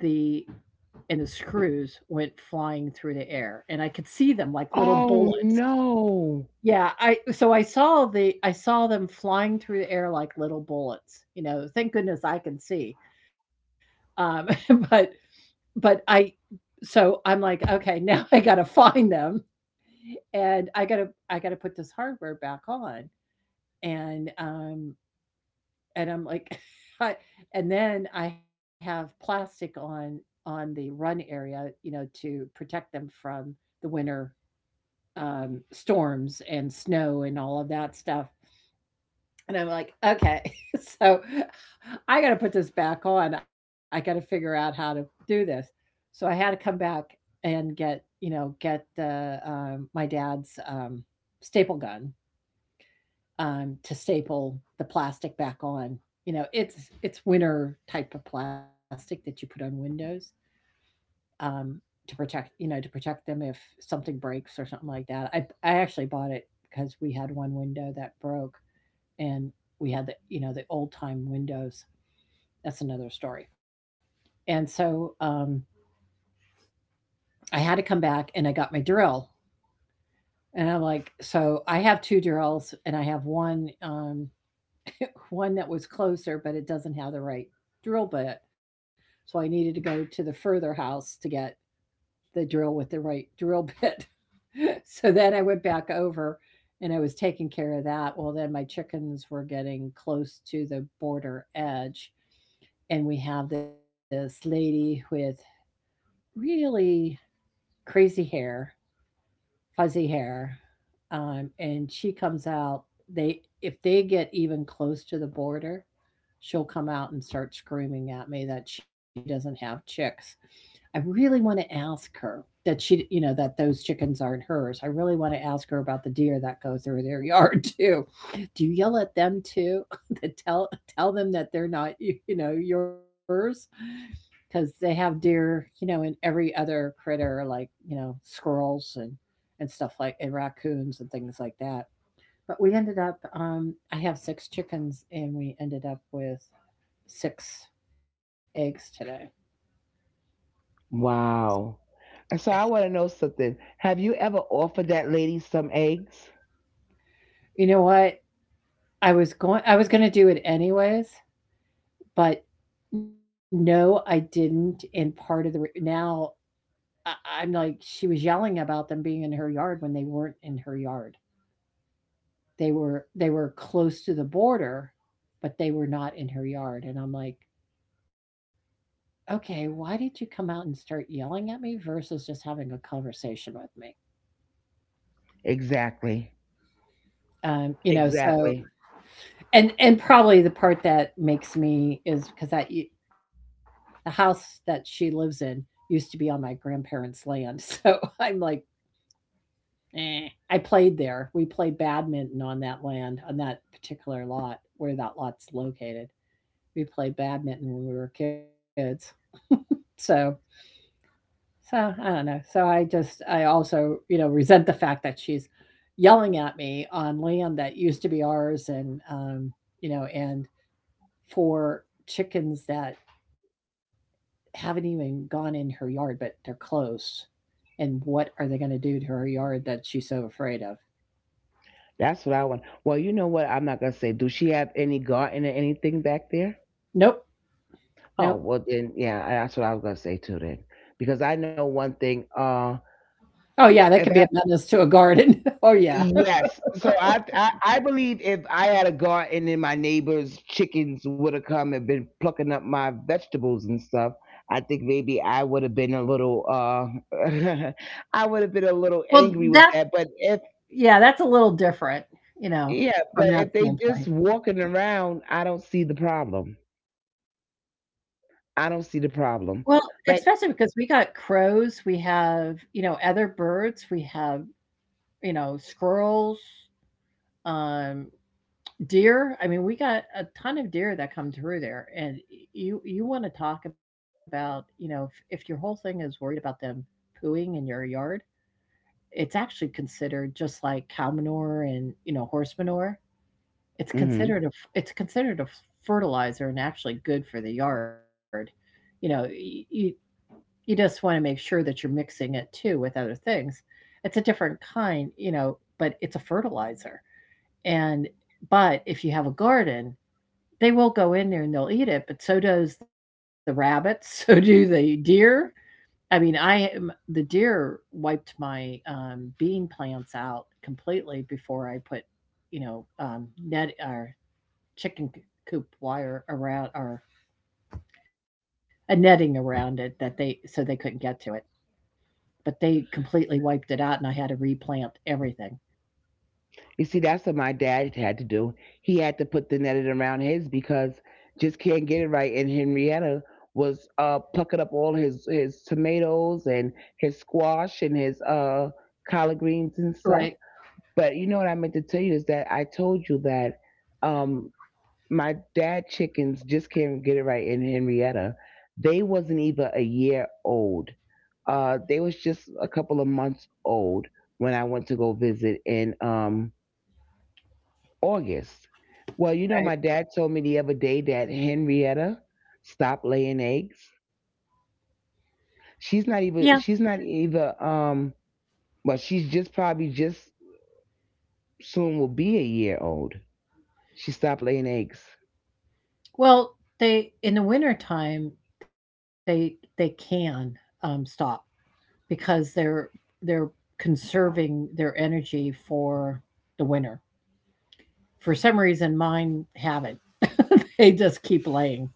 A: and the screws went flying through the air, and I could see them like little
B: Oh
A: bullets.
B: no!
A: Yeah, I saw the I saw them flying through the air like little bullets, you know, thank goodness I can see. Um, but but I so I'm like, "Okay, now I gotta find them, and I gotta put this hardware back on." And, um, and I'm like, I and then I have plastic on the run area, you know, to protect them from the winter, storms and snow and all of that stuff. And I'm like, okay, so I got to put this back on. I got to figure out how to do this. So I had to come back and get, you know, get the my dad's staple gun to staple the plastic back on. You know, it's winter type of plastic that you put on windows um, to protect, you know, to protect them if something breaks or something like that. I actually bought it because we had one window that broke, and we had the you know the old time windows. That's another story. And so I had to come back and I got my drill. And I'm like, so I have two drills and I have one one that was closer, but it doesn't have the right drill bit. So I needed to go to the further house to get the drill with the right drill bit. So then I went back over, and I was taking care of that. Well, then my chickens were getting close to the border edge. And we have this lady with really crazy hair, fuzzy hair, and she comes out. They if they get even close to the border, she'll come out and start screaming at me that she doesn't have chicks. I really want to ask her that she, you know, that those chickens aren't hers. I really want to ask her about the deer that go through their yard too. Do you yell at them too? That tell them that they're not, you know, yours? Because they have deer, you know, and every other critter like you know squirrels and stuff like and raccoons and things like that. But we ended up, I have six chickens, and we ended up with six eggs today.
B: Wow. So I want to know something. Have you ever offered that lady some eggs?
A: You know what? I was going to do it anyways, but no, I didn't. And part of the now, I, I'm like, she was yelling about them being in her yard when they weren't in her yard. They were they were close to the border, but they were not in her yard, and I'm like, "Okay, why did you come out and start yelling at me versus just having a conversation with me?"
B: Exactly.
A: So
B: Exactly.
A: and probably the part that makes me is because that the house that she lives in used to be on my grandparents' land, so I'm like, eh. I played there. We played badminton on that land, on that particular lot where that lot's located. We played badminton when we were kids. so, so I don't know. I also, resent the fact that she's yelling at me on land that used to be ours and for chickens that haven't even gone in her yard, but they're closed. And what are they going to do to her yard that she's so afraid of?
B: That's what I want. Well, you know what? I'm not gonna say. Do she have any garden or anything back there?
A: Nope.
B: Oh,
A: Nope.
B: well then, yeah, that's what I was gonna say too then, because I know one thing.
A: Oh, yeah. That
B: If
A: could be
B: I
A: a menace to a garden. Oh, yeah.
B: Yes, so I believe if I had a garden and my neighbors' chickens would have come and been plucking up my vegetables and stuff, I think maybe I would have been a little I would have been a little
A: Well,
B: angry with
A: that
B: that. But
A: Yeah, that's a little different, you know,
B: yeah, but
A: from
B: if
A: that
B: they just
A: standpoint.
B: walking around, I don't see the problem. I don't see the problem.
A: Well,
B: Like,
A: especially because we got crows, we have, you know, other birds, we have, you know, squirrels, um, deer. We got a ton of deer that come through there, and you want to talk about, you know, if your whole thing is worried about them pooing in your yard, it's actually considered just like cow manure and you know horse manure. It's
B: hmm,
A: considered a it's considered a fertilizer and actually good for the yard. You know, y you you just wanna make sure that you're mixing it too with other things. It's a different kind, you know, but it's a fertilizer, and but if you have a garden, they will go in there and they'll eat it, but so does the rabbits, so do the deer. I mean, I am the deer wiped my, bean plants out completely before I put, you know, net or chicken coop wire around or a netting around it that they so they couldn't get to it. But they completely wiped it out and I had to replant everything.
B: you see, that's what my dad had to do. He had to put the netting around his because just can't get it right. And Henrietta was plucking up all his tomatoes and his squash and his collard greens and stuff.
A: Right,
B: But you know what I meant to tell you is that I told you that. Um, my dad chickens just can't get it right in Henrietta. They wasn't even a year old. They was just a couple of months old when I went to go visit in August. Well, you know,
A: right.
B: my dad told me the other day that Henrietta stopped laying eggs. She's not
A: Yeah.
B: even. She's not even. Well, she's just probably just soon will be a year old. She stopped laying eggs.
A: Well, they in the wintertime they can stop because they're conserving their energy for the winter. For some reason mine haven't. They just keep laying.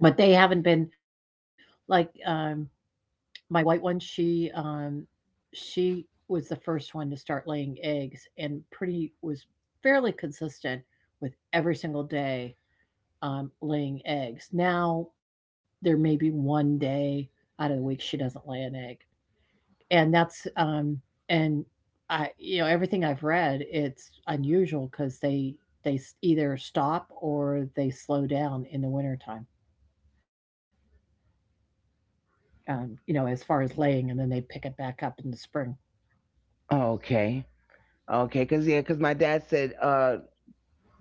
A: But they haven't been like my white one, she was the first one to start laying eggs and pretty was fairly consistent with every single day, laying eggs. Now, there may be 1 day out of the week she doesn't lay an egg, and that's, um and I you know, everything I've read, it's unusual because they s either stop or they slow down in the wintertime, you know, as far as laying, and then they pick it back up in the spring.
B: Oh, okay. Okay, cause yeah, cause my dad said,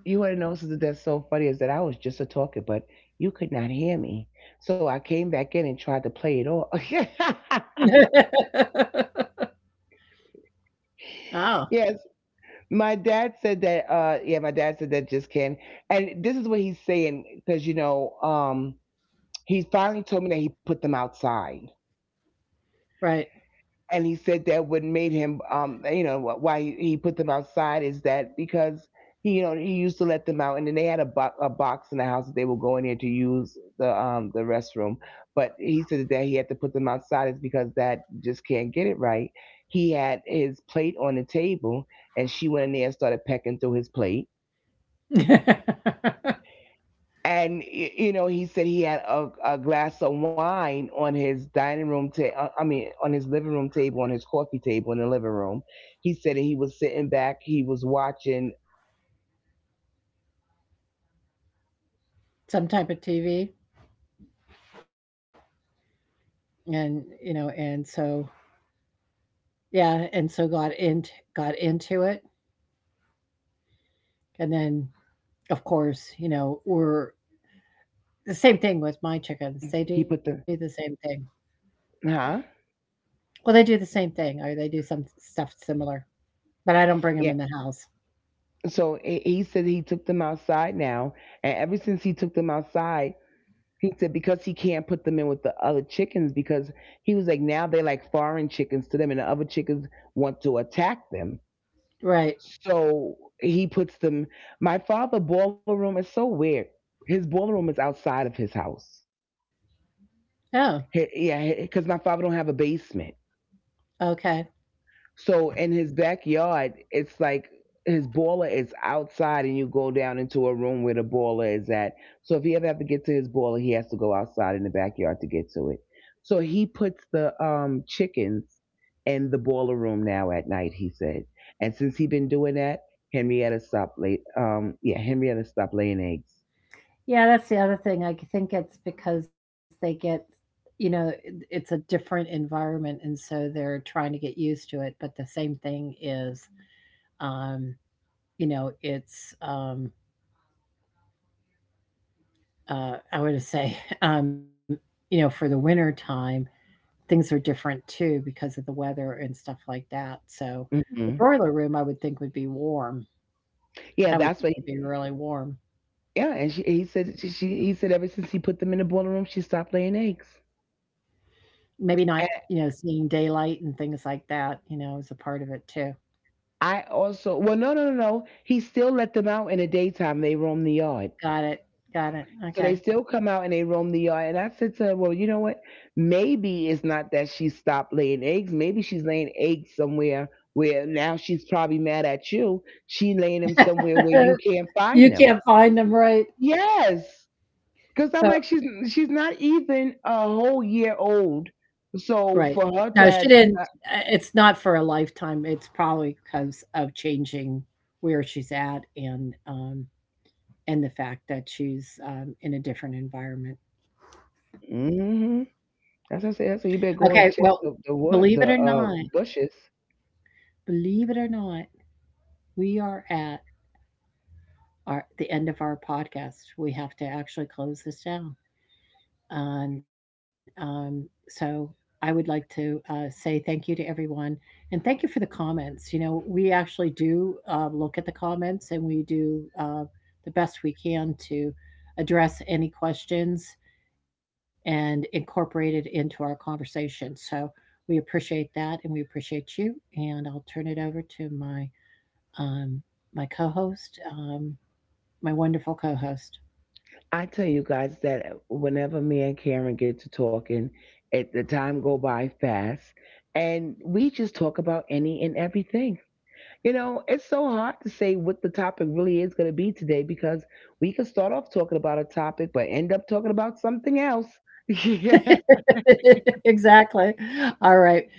B: you want to know something that's so funny is that I was just a talker, but you could not hear me. So I came back in and tried to play it off.
A: Oh,
B: Yes, my dad said that. Yeah, my dad said that just can. And this is what he's saying because you know, he finally told me that he put them outside.
A: right.
B: And he said that what made him, you know why he put them outside is that because he, you know, he used to let them out, and then they had a a box in the house that they would go in there to use the restroom. But he said that he had to put them outside is because that just can't get it right. He had his plate on the table, and she went in there and started pecking through his plate. And you know, he said he had a glass of wine on his dining room table, I mean on his living room table, on his coffee table in the living room. He said he was sitting back, he was watching the game. He said so I guess it must have been football.
A: Some
B: He
A: type
B: was
A: of
B: watching a
A: TV.
B: game. He said he, you know, he leaned back, he dozed
A: And
B: off a
A: you
B: little
A: know,
B: bit, but
A: and
B: when he got
A: so
B: up, just can't get it right. It's the
A: yeah, and
B: same
A: so
B: one. Was
A: got into it.
B: uh drinking his wine, pecking in it.
A: And then of course, you know, we're
B: Yeah, so
A: the
B: he
A: same
B: said
A: thing with
B: that
A: my chickens.
B: he
A: They
B: put
A: do the
B: the—
A: same thing.
B: Huh?
A: Well, they do the same thing or they do some stuff similar, but I don't
B: Yeah.
A: bring them in the house.
B: So he said he took them outside now, and ever since he took them outside, he said because he can't put them in with the other chickens because he was like now they like foreign chickens to them, and the other chickens want to attack them.
A: Right.
B: So he puts them. My father boiler room is so weird. His boiler room is outside of his house.
A: Oh,
B: He, yeah, because my father don't have a basement.
A: okay.
B: So in his backyard, it's like his baller is outside, and you go down into a room where the baller is at. So if he ever have to get to his baller, he has to go outside in the backyard to get to it. So he puts the chickens in the boiler room now at night. He said, and since he been doing that, Henrietta stopped late. Yeah, Henrietta stopped laying eggs.
A: Yeah, that's the other thing. I think it's because they get, you know, it's a different environment, and so they're trying to get used to it. But the same thing is, um, you know, it's, um, I would say, um, you know, for the winter time, things are different too because of the weather and stuff like that. So the
B: Hmm.
A: broiler room, I would think, would be warm.
B: Yeah,
A: I would
B: that's what.
A: think it'd
B: He,
A: be really warm.
B: yeah, and he said she he said ever since he put them in the boiler room, she stopped laying eggs.
A: Maybe not, you know, seeing daylight and things like that, you know, is a part of it too.
B: I also— well, no, no, no, no. He still let them out in the daytime. They roam the yard.
A: Got it, got it,
B: So they still come out and they roam the yard. And I said to her, well, you know what? Maybe it's not that she stopped laying eggs. Maybe she's laying eggs somewhere where now she's probably mad at you. She laying them
A: okay.
B: somewhere where you can't
A: You
B: find them.
A: can't find them, right?
B: Yes. Cause I'm
A: So
B: like, she's not even a whole year old.
A: right.
B: So for
A: No,
B: her
A: she
B: to have—
A: didn't it's not for a lifetime, it's probably because of changing where she's at and the fact that she's, in a different environment.
B: mm-hmm. That's what I said. I
A: Okay,
B: said you better
A: well,
B: go and check the
A: believe it or
B: wood, the
A: not,
B: bushes.
A: believe it or not, we are at our the end of our podcast. We have to actually close this down. And so I would like to say thank you to everyone and thank you for the comments. You know, we actually do look at the comments and we do the best we can to address any questions and incorporate it into our conversation. So we appreciate that and we appreciate you. And I'll turn it over to my um, my co-host, um, my wonderful co-host.
B: I tell you guys that whenever me and Karen get to talking, it, the time go by fast, and we just talk about any and everything. You know, it's so hard to say what the topic really is going to be today because we can start off talking about a topic, but end up talking about something else.
A: Exactly. All right.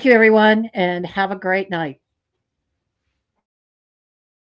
A: Thank you, everyone, and have a great night.